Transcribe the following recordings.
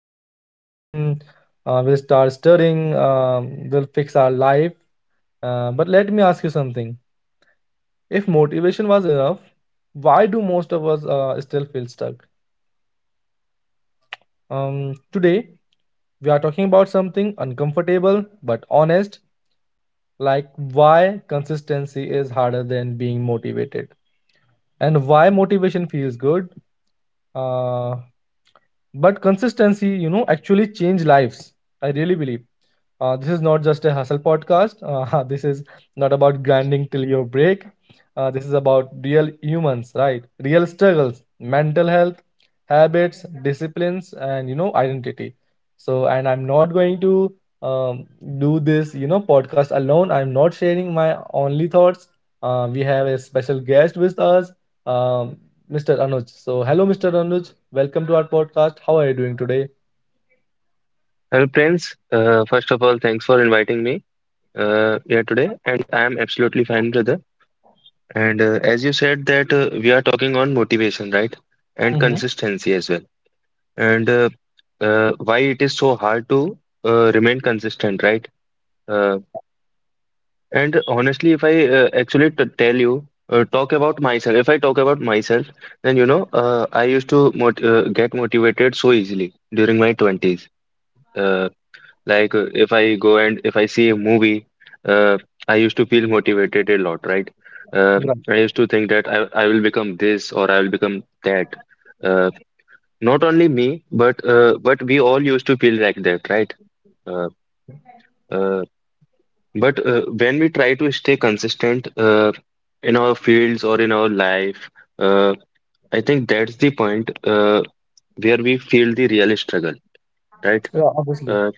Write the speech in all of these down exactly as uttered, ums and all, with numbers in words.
uh, join gym. Uh, we'll start studying. Um, we'll fix our life. Uh, but let me ask you something. If motivation was enough, why do most of us uh, still feel stuck? Um, today, we are talking about something uncomfortable but honest, like why consistency is harder than being motivated, and why motivation feels good, uh, but consistency you know actually change lives. I really believe uh, this is not just a hustle podcast. Uh, this is not about grinding till your break. Uh, this is about real humans, right? Real struggles, mental health, habits, disciplines, and you know identity. So, and I'm not going to um, do this you know podcast alone. I'm not sharing my only thoughts. Uh, we have a special guest with us, um, mister Anuj. So, hello, mister Anuj. Welcome to our podcast. How are you doing today? Well, Prince, uh, first of all, thanks for inviting me uh, here today, and I am absolutely fine, brother. And uh, as you said that uh, we are talking on motivation, right? And Mm-hmm. consistency as well. And uh, uh, why it is so hard to uh, remain consistent, right? Uh, and honestly, if I uh, actually t tell you, uh, talk about myself. If I talk about myself, then you know, uh, I used to mot uh, get motivated so easily during my twenties. Like uh, if I go and if I see a movie, uh, I used to feel motivated a lot, right? Uh, Right. I used to think that I I will become this or I will become that. Uh, Not only me, but uh, but we all used to feel like that, right? Uh, uh, but uh, when we try to stay consistent uh, in our fields or in our life, uh, I think that's the point uh, where we feel the real struggle, right? Yeah, obviously. Uh,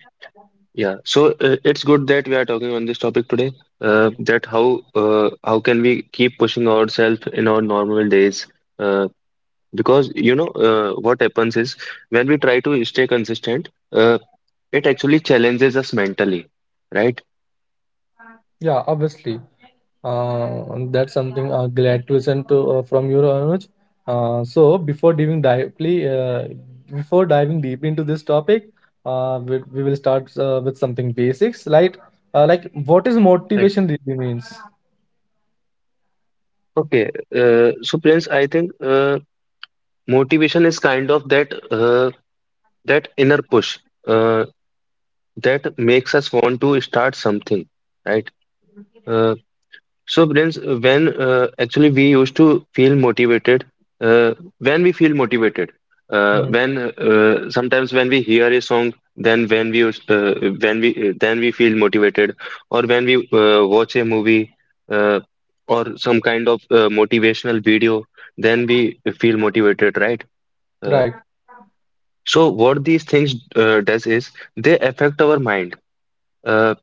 Yeah, so uh, it's good that we are talking on this topic today. Uh, that how uh, how can we keep pushing ourselves in our normal days? Uh, because you know uh, what happens is when we try to stay consistent, uh, it actually challenges us mentally, right? Yeah, obviously. Uh, that's something, uh, glad to listen to, uh, from you, Anuj. Uh, so, before diving deeply, uh, before diving deep into this topic, uh, we, we will start, uh, with something basics, like, uh, like what is Right. motivation really means. Okay, uh, so Prince, I think uh, motivation is kind of that uh, that inner push uh, that makes us want to start something, right? Uh, So, Prince, when uh, actually we used to feel motivated, uh, when we feel motivated, uh, Hmm, when uh, sometimes when we hear a song, then when we us- uh, when we uh, then we feel motivated, or when we uh, watch a movie uh, or some kind of uh, motivational video, then we feel motivated, right? Uh, right? so, what these things uh, does is they affect our mind. Uh,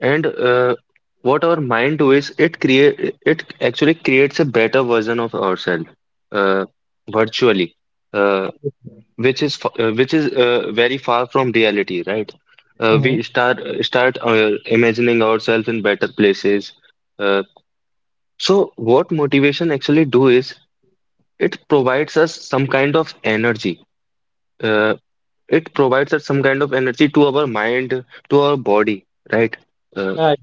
and uh, what our mind do is it create it actually creates a better version of ourselves uh, virtually, uh, which is f- uh, which is uh, very far from reality, right? Uh, Mm-hmm. We start start uh, imagining ourselves in better places. Uh, so what motivation actually do is it provides us some kind of energy. Uh, it provides us some kind of energy to our mind, to our body, right? Uh, Right.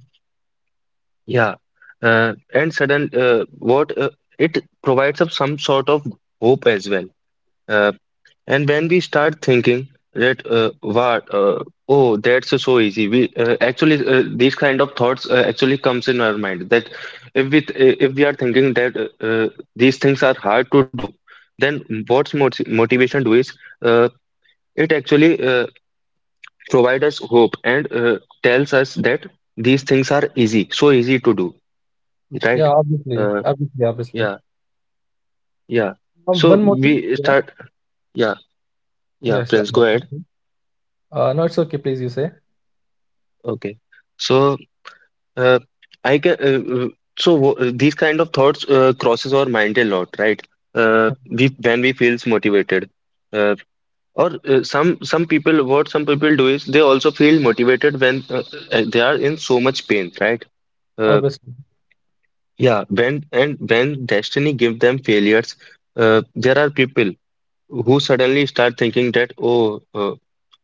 Yeah, uh, and sudden uh, what uh, it provides us some sort of hope as well. Uh, and when we start thinking that uh, what uh, oh that's so easy, we uh, actually uh, these kind of thoughts uh, actually comes in our mind that if we th if we are thinking that uh, uh, these things are hard to do, then what's moti motivation do is uh, it actually uh, provide us hope and uh, tells us that these things are easy, so easy to do, Yeah, right? obviously, Uh, obviously, obviously. Yeah, yeah. Um, So one more thing. we Yeah. start. Yeah, yeah. Yes, sir. Prince, go ahead. Uh, no, it's okay. Please, you say. Okay. So uh, I can. Uh, uh, so wo- uh, these kind of thoughts uh, crosses our mind a lot, right? Uh, Mhm. we when we feels motivated, uh, or uh, some some people what some people do is they also feel motivated when uh, uh, they are in so much pain, right? Uh, Obviously. yeah. When and when destiny give them failures, uh, there are people who suddenly start thinking that oh. uh,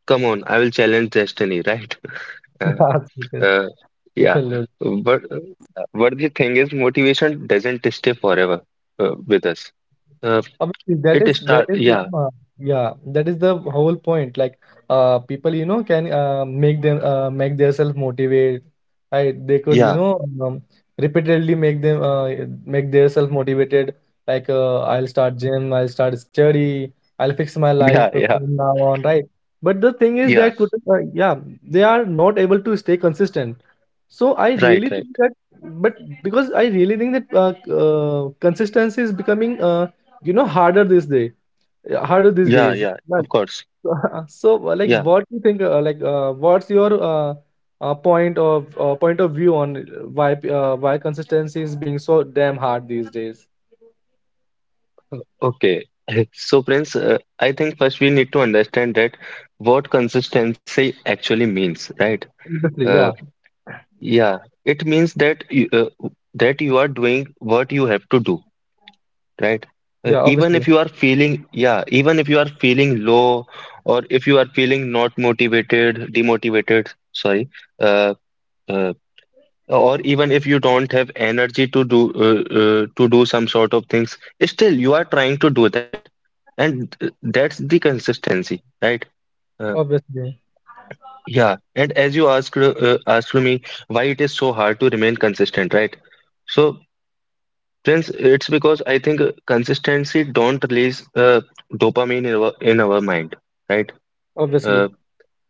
come on, I will challenge destiny, right? Uh, That's because uh, people yeah, lose. but uh, but the thing is, motivation doesn't stay forever uh, with us. Uh, Obviously, that it is that start, is the, yeah, uh, yeah, that is the whole point. Like, uh people, you know can, uh, make them uh, make themselves motivate, right? They could, you yeah, know um, repeatedly make them uh, make themselves motivated. Like, uh, I'll start gym, I'll start study, I'll fix my life yeah, yeah, from now on, right? But the thing is yeah, that could, uh, yeah, they are not able to stay consistent. So, I really right, think right, that, but because I really think that uh, uh, consistency is becoming, uh, you know harder this day, uh, harder these yeah, days. yeah, of Right. course, so uh, like yeah, what do you think, uh, like, uh, what's your, uh, uh, point of, uh, point of view on, uh, why p- uh, why consistency is being so damn hard these days? okay. So, Prince, uh, I think first we need to understand that what consistency actually means, right? Obviously, Uh, yeah. yeah, it means that you, uh, that you are doing what you have to do, right? Uh, yeah, Even obviously, if you are feeling, yeah, even if you are feeling low or if you are feeling not motivated, demotivated, sorry, uh, uh, or even if you don't have energy to do uh, uh, to do some sort of things, still you are trying to do that, and th- that's the consistency, right? Uh, obviously, yeah, and as you asked uh, asked me why it is so hard to remain consistent, right? So, Prince, it's because I think uh, consistency don't release uh, dopamine in our, in our mind, right? Uh, obviously,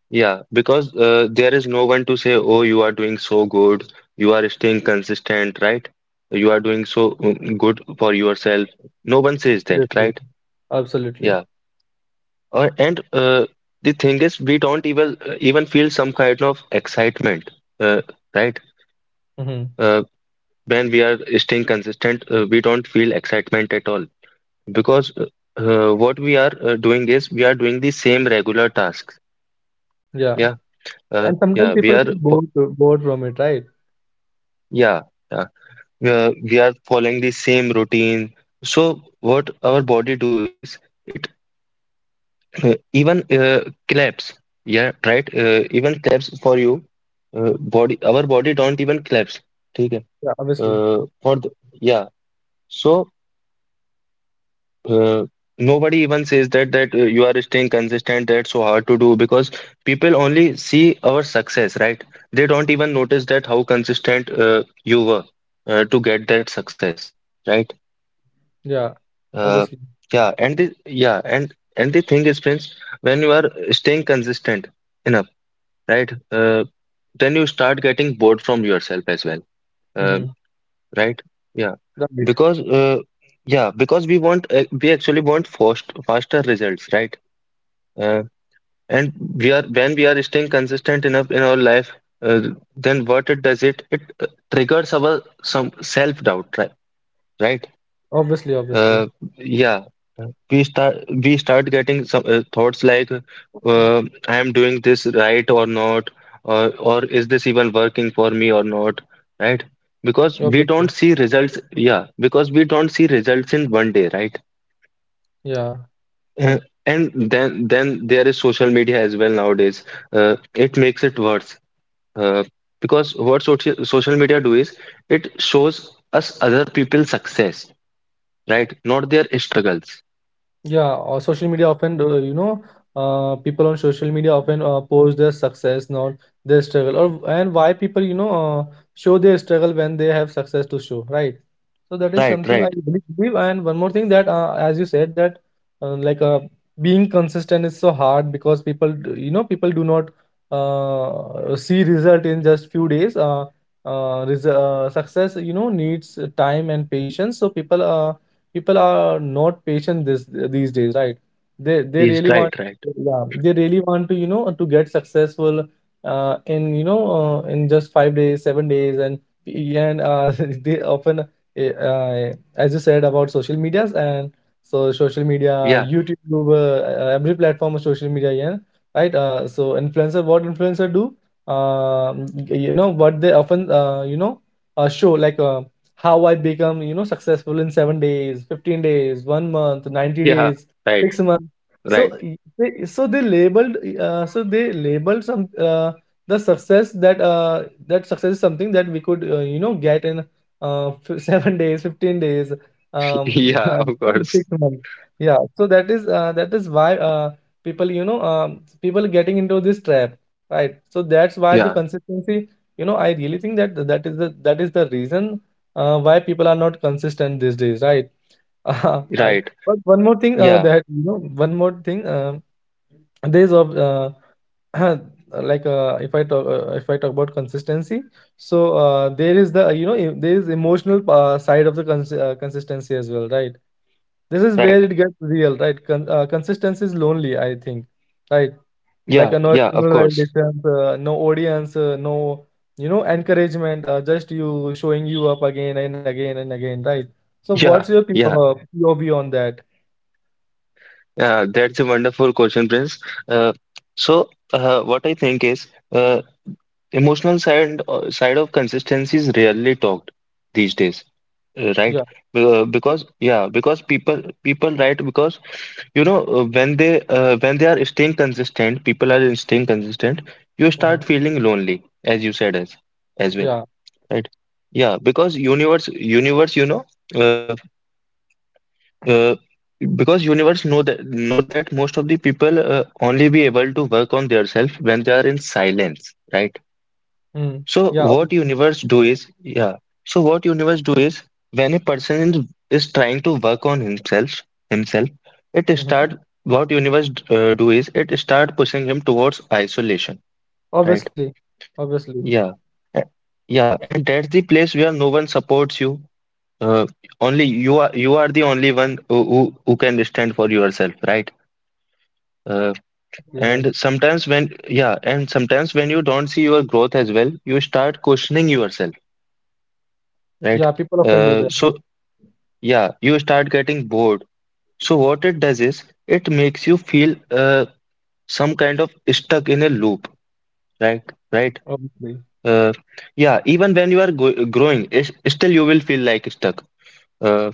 yeah, because uh, there is no one to say, "Oh, you are doing so good. You are staying consistent, right? You are doing so mm, good for yourself." No one says that, obviously, right? absolutely. Yeah. Or and uh, the thing is, we don't even uh, even feel some kind of excitement, uh, right? Hmm, Uh, when we are staying consistent, uh, we don't feel excitement at all. Because uh, uh, what we are uh, doing is we are doing the same regular tasks. yeah. Yeah, uh, And sometimes yeah, we people are, get fo- bored bored from it, right? yeah, yeah, we are, we are following the same routine. So what our body do is it even uh, claps. Yeah, right. Uh, even claps for you. Uh, body, our body don't even claps. ठीक है? Yeah, obviously. Uh, for the, yeah. So. Uh, Nobody even says that that uh, you are staying consistent. That's so hard to do because people only see our success, right? They don't even notice that how consistent uh, you were uh, to get that success, right? Yeah, Uh, obviously. yeah, and the yeah, and and the thing is, friends, when you are staying consistent enough, right? Uh, then you start getting bored from yourself as well, uh, Mm-hmm. right? Yeah, Right. because uh, yeah, because we want uh, we actually want fast faster results, right? Uh, and we are when we are staying consistent enough in our life, uh, then what it does it it uh, triggers our some self-doubt, right? Right? Obviously, Uh, obviously, yeah. Uh, we start we start getting some uh, thoughts like, uh, I am doing this right or not, or or is this even working for me or not, right? Because we don't obviously. see results. Yeah, because we don't see results in one day, right? Yeah. Uh, and then then there is social media as well nowadays. Uh, it makes it worse uh, because what social social media do is it shows us other people's success, right? Not their struggles. Yeah, or social media often, uh, you know, uh, people on social media often uh, post their success, not their struggle. Or, and why people, you know, uh, show their struggle when they have success to show, right? So that is Right, something I right. really believe. And one more thing that, uh, as you said, that, uh, like, uh, being consistent is so hard because people, d- you know, people do not, uh, see result in just few days. Uh, uh, res- uh, success, you know, needs time and patience. So people. Uh, people are not patient this these days, right? They they Please, really right, want, right. yeah, they really want to, you know to get successful, uh, in you know uh, in just five days, seven days, and and, uh, they often, eh, uh, as you said, about social medias. And so, social media, Yeah, youtube, uh, every platform of social media, yeah, right. Uh, so influencer, what influencer do um, you know what they often, uh, you know uh, show, like, uh, how I become, you know, successful in seven days, fifteen days, one month, ninety yeah, days, right, six months. right. So, y- they, so they labeled, uh, so they labeled some, uh, the success that, uh, that success is something that we could, uh, you know, get in, uh, f- seven days, fifteen days, um, Yeah, yeah, you of know, six course. months. Yeah. So that is, uh, that is why, uh, people, you know, um, people getting into this trap, right? So that's why Yeah, the consistency, you know I really think that, that is the that is the reason, uh, why people are not consistent these days, right? Right. right. But one more thing, uh, Yeah, that you know, one more thing. Um, days of uh, Like, uh, if I talk uh, if I talk about consistency, so uh, there is the you know e- there is emotional, uh, side of the, cons- uh, consistency as well, right? This is where right. it gets real, right? Con- uh, consistency is lonely, I think, right? Like, Yeah, uh, no yeah, of external course. validations, uh, no audience, uh, no, you know encouragement, uh, just you showing you up again and again and again, right? So Yeah, what's your, P- yeah. uh, P O V on that? Yeah, that's a wonderful question, Prince. Uh, so uh, what I think is, uh, emotional side uh, side of consistency is rarely talked these days, uh, right? Yeah. Uh, Because yeah, because people people right because you know uh, when they uh, when they are staying consistent, people are staying consistent. You Hmm, start feeling lonely, as you said as as well, yeah, right? Yeah, because universe universe you know uh, uh, because universe know that know that most of the people uh, only be able to work on themselves when they are in silence, right? mm, So yeah, what obviously. universe do is, yeah. So what universe do is when a person is, is trying to work on himself, himself, it Hmm, start what universe uh, do is it start pushing him towards isolation, right? obviously, obviously, Yeah, A- yeah, and that's the place where no one supports you. Uh, Only you are you are the only one who who, who can stand for yourself, right? Uh, yeah, obviously, and yes. sometimes when Yeah, and sometimes when you don't see your growth as well, you start questioning yourself, right? Yeah. People often do Uh, that, So yeah, you start getting bored. So what it does is it makes you feel uh, some kind of stuck in a loop, right? Right? obviously, Uh, yeah, even when you are go growing, it's, still you will feel like stuck. Uh,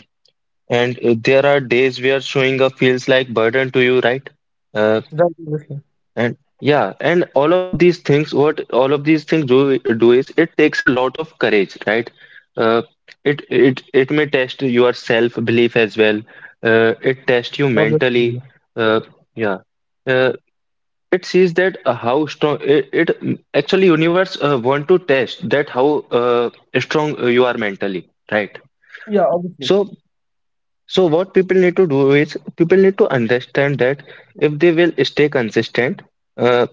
and uh, there are days where showing up feels like burden to you, right? Uh, right? Obviously, And yeah, and all of these things, what all of these things do do is it takes a lot of courage, right? Uh, it it it may test your self-belief as well. Uh, it tests you mentally. obviously, Uh, yeah. Uh, it sees that uh, how strong it, it actually universe uh, want to test that how uh, strong you are mentally, right? yeah, obviously, So so what people need to do is people need to understand that if they will stay consistent, uh,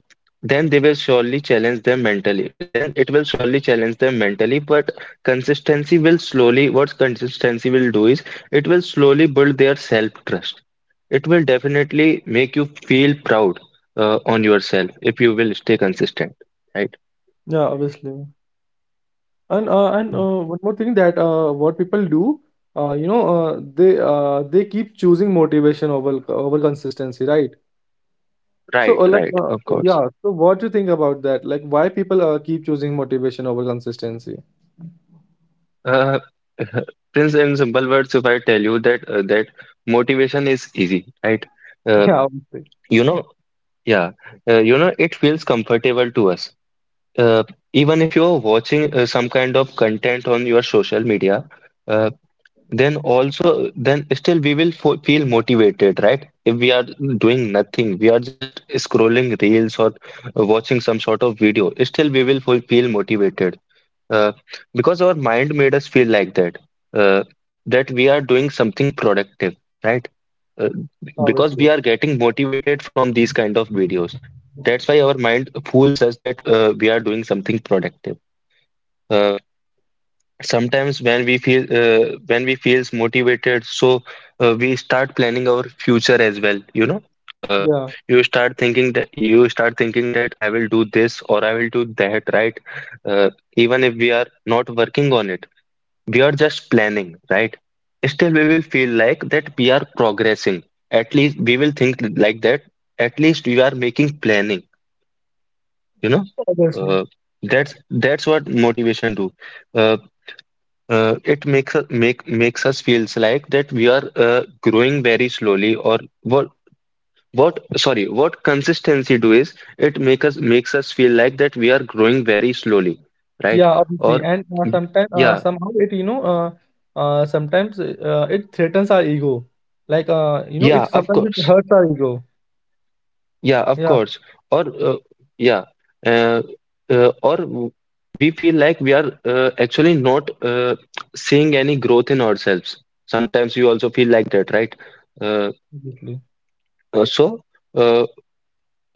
then they will surely challenge them mentally. Then it will surely challenge them mentally. But consistency will slowly, what consistency will do is it will slowly build their self-trust. It will definitely make you feel proud uh, on yourself if you will stay consistent. Right, yeah, obviously. And uh, and uh, one more thing that, uh, what people do, uh, you know, uh, they, uh, they keep choosing motivation over over consistency, right? So right, uh, like, right. uh, Of so, course. yeah, so what do you think about that? Like, why people uh, keep choosing motivation over consistency? Uh, Prince, in simple words, if I tell you that uh, that motivation is easy, right? Uh, Yeah, obviously. you know, yeah, uh, you know, it feels comfortable to us. Uh, Even if you're watching uh, some kind of content on your social media, uh, then also, then still we will fo feel motivated, right? If we are doing nothing, we are just scrolling reels or uh, watching some sort of video, still we will fo- feel motivated, uh, because our mind made us feel like that, uh, that we are doing something productive, right. uh, because we Obviously. are getting motivated from these kind of videos, that's why our mind fools us that uh, we are doing something productive. uh, Sometimes when we feel uh, when we feels motivated, so uh, we start planning our future as well, you know. uh, Yeah. you start thinking that you start thinking that I will do this or I will do that, right. uh, Even if we are not working on it, we are just planning, right? Still, we will feel like that we are progressing. At least we will think like that. At least we are making planning. You know, Obviously. uh, that's that's what motivation do. Uh, uh, it makes us make makes us feels like that we are uh, growing very slowly. Or what what sorry, what consistency do is it make us makes us feel like that we are growing very slowly, right? Yeah, Or obviously. And uh, sometimes, uh, yeah, somehow it, you know, uh, uh, sometimes uh, it threatens our ego. Like, uh, you know, it yeah, of sometimes it course. hurts our ego. Yeah, of Yeah, course. Or uh, yeah, uh, uh, or w- we feel like we are uh, actually not uh, seeing any growth in ourselves. Sometimes you also feel like that, right? Uh, obviously. uh, so. uh,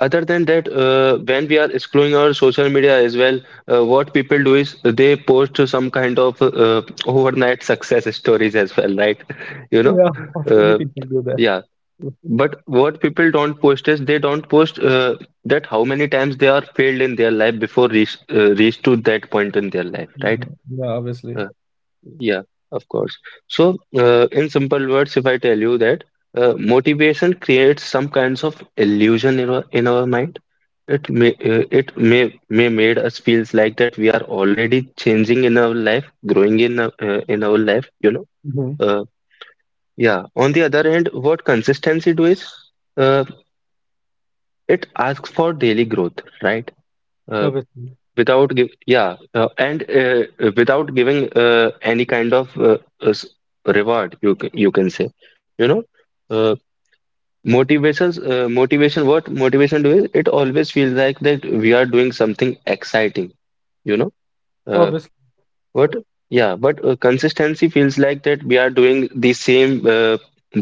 Other than that, uh, when we are scrolling our social media as well, uh, what people do is they post some kind of uh, overnight success stories as well, right? You know, Yeah, obviously uh, people do. yeah. But what people don't post is they don't post uh, that how many times they are failed in their life before reach uh, reach to that point in their life, right? Mhm. Yeah, obviously. Uh, yeah, of course. So, uh, in simple words, if I tell you that uh, motivation creates some kinds of illusion in our in our mind. It may uh, it may may made us feels like that we are already changing in our life, growing in our- uh, in our life, you know. Mhm. Uh, yeah. On the other hand, what consistency do is uh, it asks for daily growth, right? Uh, Obviously. without give yeah, uh, and uh, without giving uh, any kind of uh, uh, s- reward, you ca- you can say, you know. Uh, motivations uh, motivation what motivation do is it always feels like that we are doing something exciting, you know. Uh, Obviously. but yeah, but uh, consistency feels like that we are doing the same uh,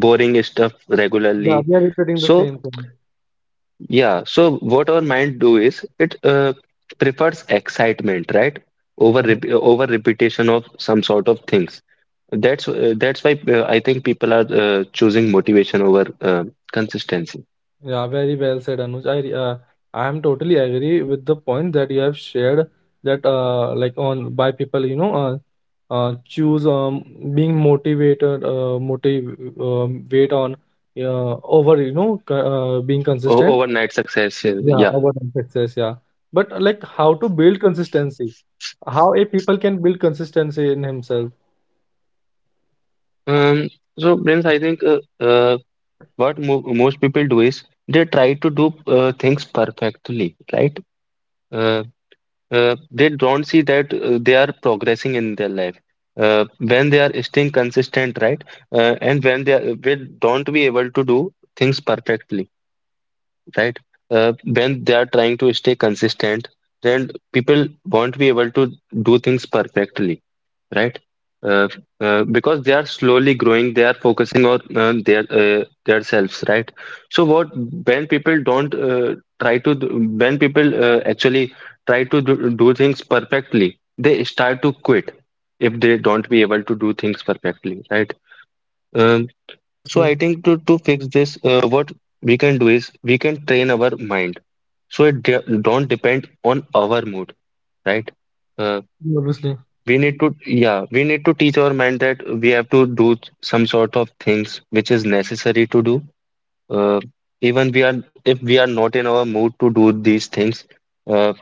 boring stuff regularly. Yeah, we are repeating the So same thing. yeah, so what our mind do is it uh, prefers excitement, right? Over Hmm. rep over repetition of some sort of things. That's uh, that's why uh, I think people are uh, choosing motivation over uh, consistency, Yeah, very well said, Anuj. I re- uh, I am totally agree with the point that you have shared, that, uh like, on by people, you know uh, uh choose, um being motivated, uh motive um, weight on, uh, over, you know c- uh, being o consistent. overnight success. uh, Yeah, Yeah. over time success. Yeah, but, uh, like, how to build consistency? How a people can build consistency in himself? Um, so Prince, I think uh, uh, what mo most people do is they try to do uh, things perfectly, right? Uh, uh, they don't see that uh, they are progressing in their life. Uh, when they are staying consistent, right? Uh, and when they are, they don't be able to do things perfectly, right? Uh, when they are trying to stay consistent, then people won't be able to do things perfectly, right? Uh, uh, because they are slowly growing, they are focusing on uh, their uh, their selves, right? So what when people don't uh, try to do- when people uh, actually try to do, do things perfectly, they start to quit if they don't be able to do things perfectly, right? Um, Yeah, so obviously. I think to to fix this, uh, what we can do is we can train our mind so it de don't depend on our mood, right? Uh, Obviously, we need to yeah we need to teach our mind that we have to do some sort of things which is necessary to do, uh, even we are if we are not in our mood to do these things. uh,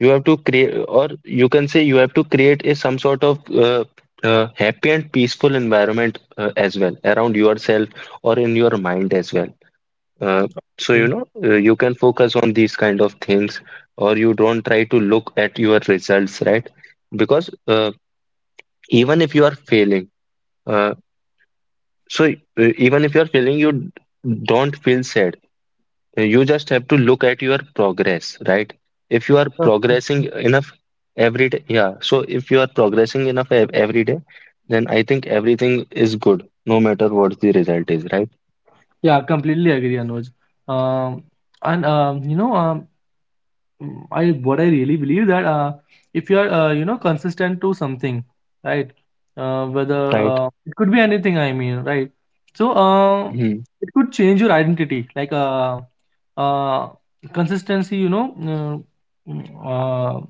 you have to create, or you can say you have to create a some sort of uh, uh, happy and peaceful environment uh, as well around yourself, or in your mind as well, uh, so you know uh, you can focus on these kind of things, or you don't try to look at your results, right? Because uh, even if you are failing, uh, so uh, even if you are failing, you d- don't feel sad. Uh, you just have to look at your progress, right? If you are progressing enough every day, yeah so if you are progressing enough ev- every day, then I think everything is good, no matter what the result is, right? yeah, completely agree, Anuj. Um, and um, you know, um, Mm, I What I really believe that, uh, if you are, uh, you know consistent to something, right? Uh, whether Right. uh, it could be anything, I mean, right? So uh, Hmm. it could change your identity, like, uh, uh, consistency, You know, uh, mm, uh,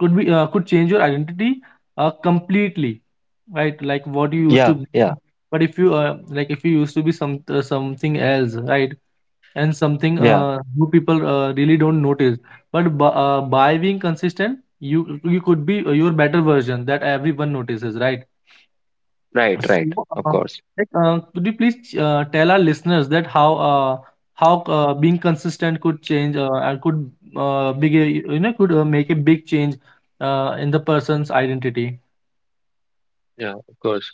could be uh, could change your identity, uh, completely, right? Like what you used to Yeah, be. yeah, But if you, uh, like if you used to be some uh, something else, right? And something, yeah, uh, new people, uh, really don't notice. But, b- uh, by being consistent, you you could be, uh, your better version that everyone notices, right? right, right, So, of uh, course, like, uh, could you please uh, tell our listeners that how, uh, how uh, being consistent could change, uh, and could uh, big a, you know could uh, make a big change, uh, in the person's identity? yeah, of course.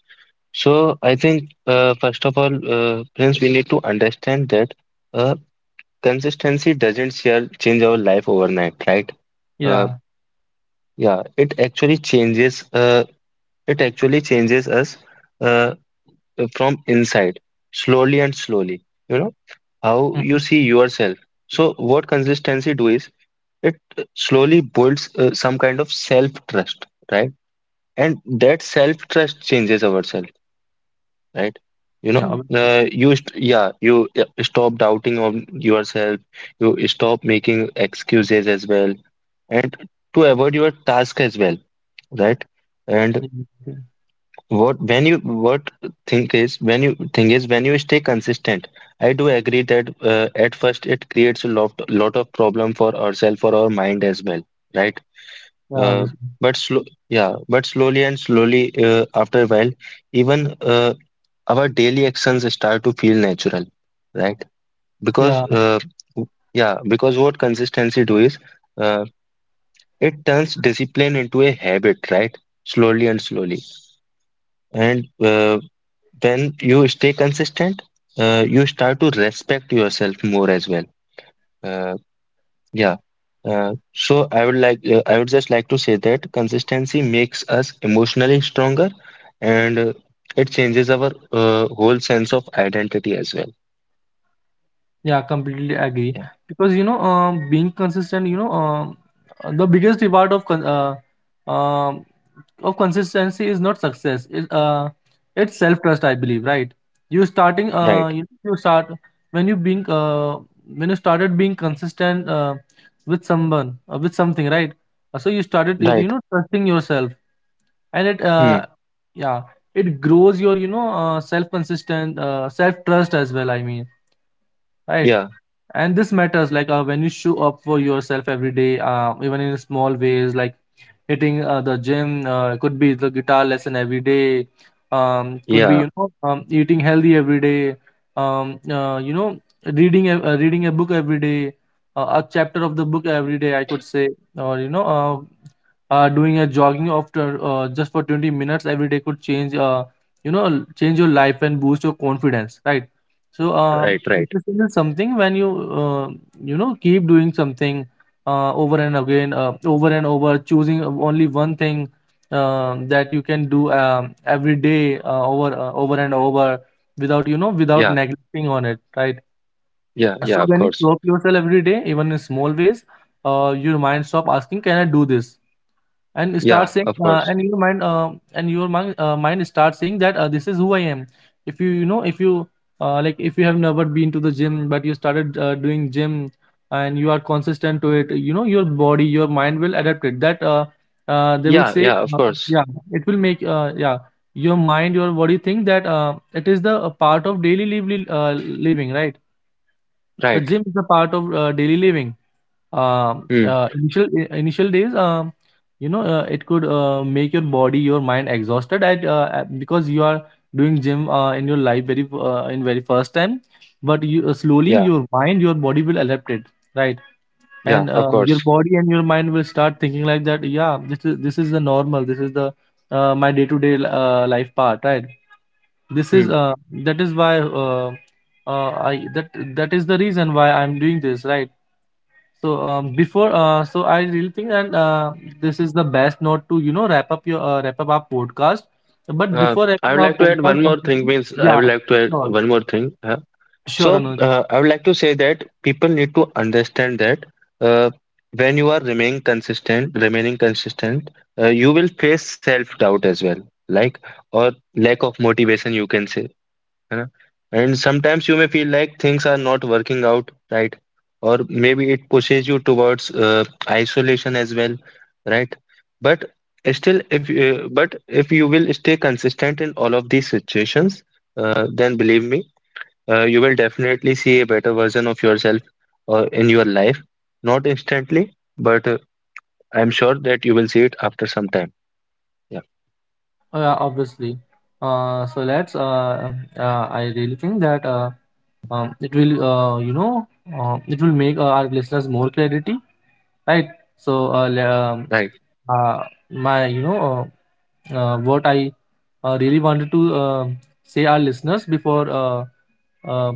So I think uh, first of all, uh, Prince, we need to understand that uh, consistency doesn't share change our life overnight, right? Uh, Yeah. yeah, it actually changes. Uh, it actually changes us uh, from inside, slowly and slowly. You know how you Mhm. see yourself. So what consistency do is it slowly builds uh, some kind of self trust, right? And that self trust changes ourselves, right? You Yeah. know, Obviously. uh, you st yeah, you uh, stop doubting on yourself. You stop making excuses as well, and to avoid your task as well, right? And Yeah. Obviously. what when you what think is when you thing is when you stay consistent, I do agree that uh, at first it creates a lot lot of problem for ourselves, for our mind as well, right. Yeah. uh, Obviously. but slow Yeah, but slowly and slowly uh, after a while, even uh, our daily actions start to feel natural, right? because Yeah. uh, yeah, because what consistency do is uh, it turns discipline into a habit, right? Slowly and slowly. And uh, when you stay consistent, uh, you start to respect yourself more as well. Uh, yeah. Uh, so I would like, uh, I would just like to say that consistency makes us emotionally stronger, and uh, it changes our uh, whole sense of identity as well. Yeah, completely agree. Yeah. Because, you know, um, being consistent, you know, um, uh, the biggest reward of, con- uh, um, of consistency is not success. It uh, it's self trust, I believe, right? You starting Right. uh, you, you start when you being uh, when you started being consistent, uh, with someone uh, with something, right? Uh, So, you started, Right. you know trusting yourself, and, it Hmm. uh, yeah, it grows your, you know uh, self consistent uh, self trust as well. I mean, right? Yeah. And this matters. Like, uh, when you show up for yourself every day, uh, even in small ways, like hitting, uh, the gym, uh, could be the guitar lesson every day, um, could be, Yeah. you know um, eating healthy every day, um, uh, you know reading a, uh, reading a book every day, uh, a chapter of the book every day, I could say. Or, you know uh, uh, doing a jogging after, uh, just for twenty minutes every day, could change, uh, you know change your life and boost your confidence, right. so Right. um, Right. Discipline is something when you, uh, you know keep doing something, uh, over and again, uh, over and over, choosing only one thing, um, that you can do, um, every day, uh, over uh, over and over, without, you know without Yeah. neglecting on it, right? Yeah. Yeah. So Of when you course. stop yourself every day, even in small ways, uh, your mind stop asking, "Can I do this?" and Yeah. start saying Of uh, course. and your mind uh, and your mind, uh, mind starts saying that, uh, this is who I am. If you you know if you uh, like, if you have never been to the gym but you started, uh, doing gym, and you are consistent to it, you know your body, your mind will adapt it, that, uh, uh, they will Yeah, say, yeah, of uh, course. yeah, it will make, uh, yeah, your mind, your body think that, uh, it is the a part of daily, liv- li- uh, living, right. The Right. gym is a part of, uh, daily living. um, Mm. Uh, initial i- initial days, um, you know, uh, it could, uh, make your body, your mind exhausted at, uh, at- because you are doing gym, uh, in your life very uh, in very first time. But you, uh, slowly, Yeah. your mind, your body will adapt it, right? Yeah. And Of uh, your course. body and your mind will start thinking like that. Yeah, this is this is the normal. This is the uh, my day to day life part, right? This is, Mm. uh, that is why uh, uh, I that that is the reason why I'm doing this, right? So um, before, uh, so I really think that, uh, this is the best note to you know wrap up your uh, wrap up our podcast. But Uh, before I wrapping would our like to add podcast one more thing. completely, Means I yeah, would like to add sure, one more thing. Uh, sure, So Anuj, uh, I would like to say that people need to understand that uh, when you are remaining consistent, remaining consistent, uh, you will face self doubt as well, like, or lack of motivation, you can say, you know? And sometimes you may feel like things are not working out, right, or maybe it pushes you towards uh, isolation as well, right? But still, if you, but if you will stay consistent in all of these situations, uh, then believe me, uh, you will definitely see a better version of yourself uh, in your life. Not instantly, but uh, I'm sure that you will see it after some time. Yeah, uh, obviously. Uh, so let's. Uh, uh, I really think that uh, um, it will, uh, you know, uh, it will make, uh, our listeners more clarity, right? So uh, le- um, right. uh, my, you know. uh, uh, what I, uh, really wanted to, uh, say our listeners before, uh, uh,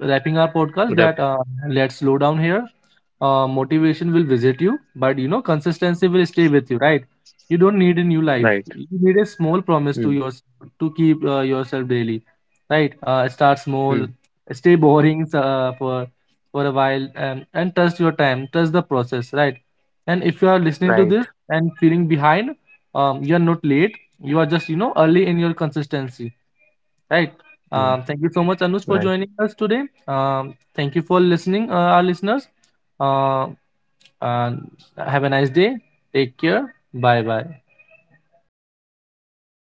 wrapping our podcast, Whatever. that, uh, let's slow down here. Uh, motivation will visit you, but, you know consistency will stay with you, right? You don't need a new Right. life. You need a small promise Mm, to yours to keep, uh, yourself daily, right? Uh, start mm, small, stay boring, uh, for for a while, and and trust your time, trust the process, right? And if you are listening right. to this and feeling behind, um, you are not late. You are just, you know early in your consistency, right. Mm, um, Thank you so much, Anush, for right. joining us today. Um, thank you for listening, uh, our listeners, uh, and have a nice day. Take care. Bye bye. Thank you so much, Prince.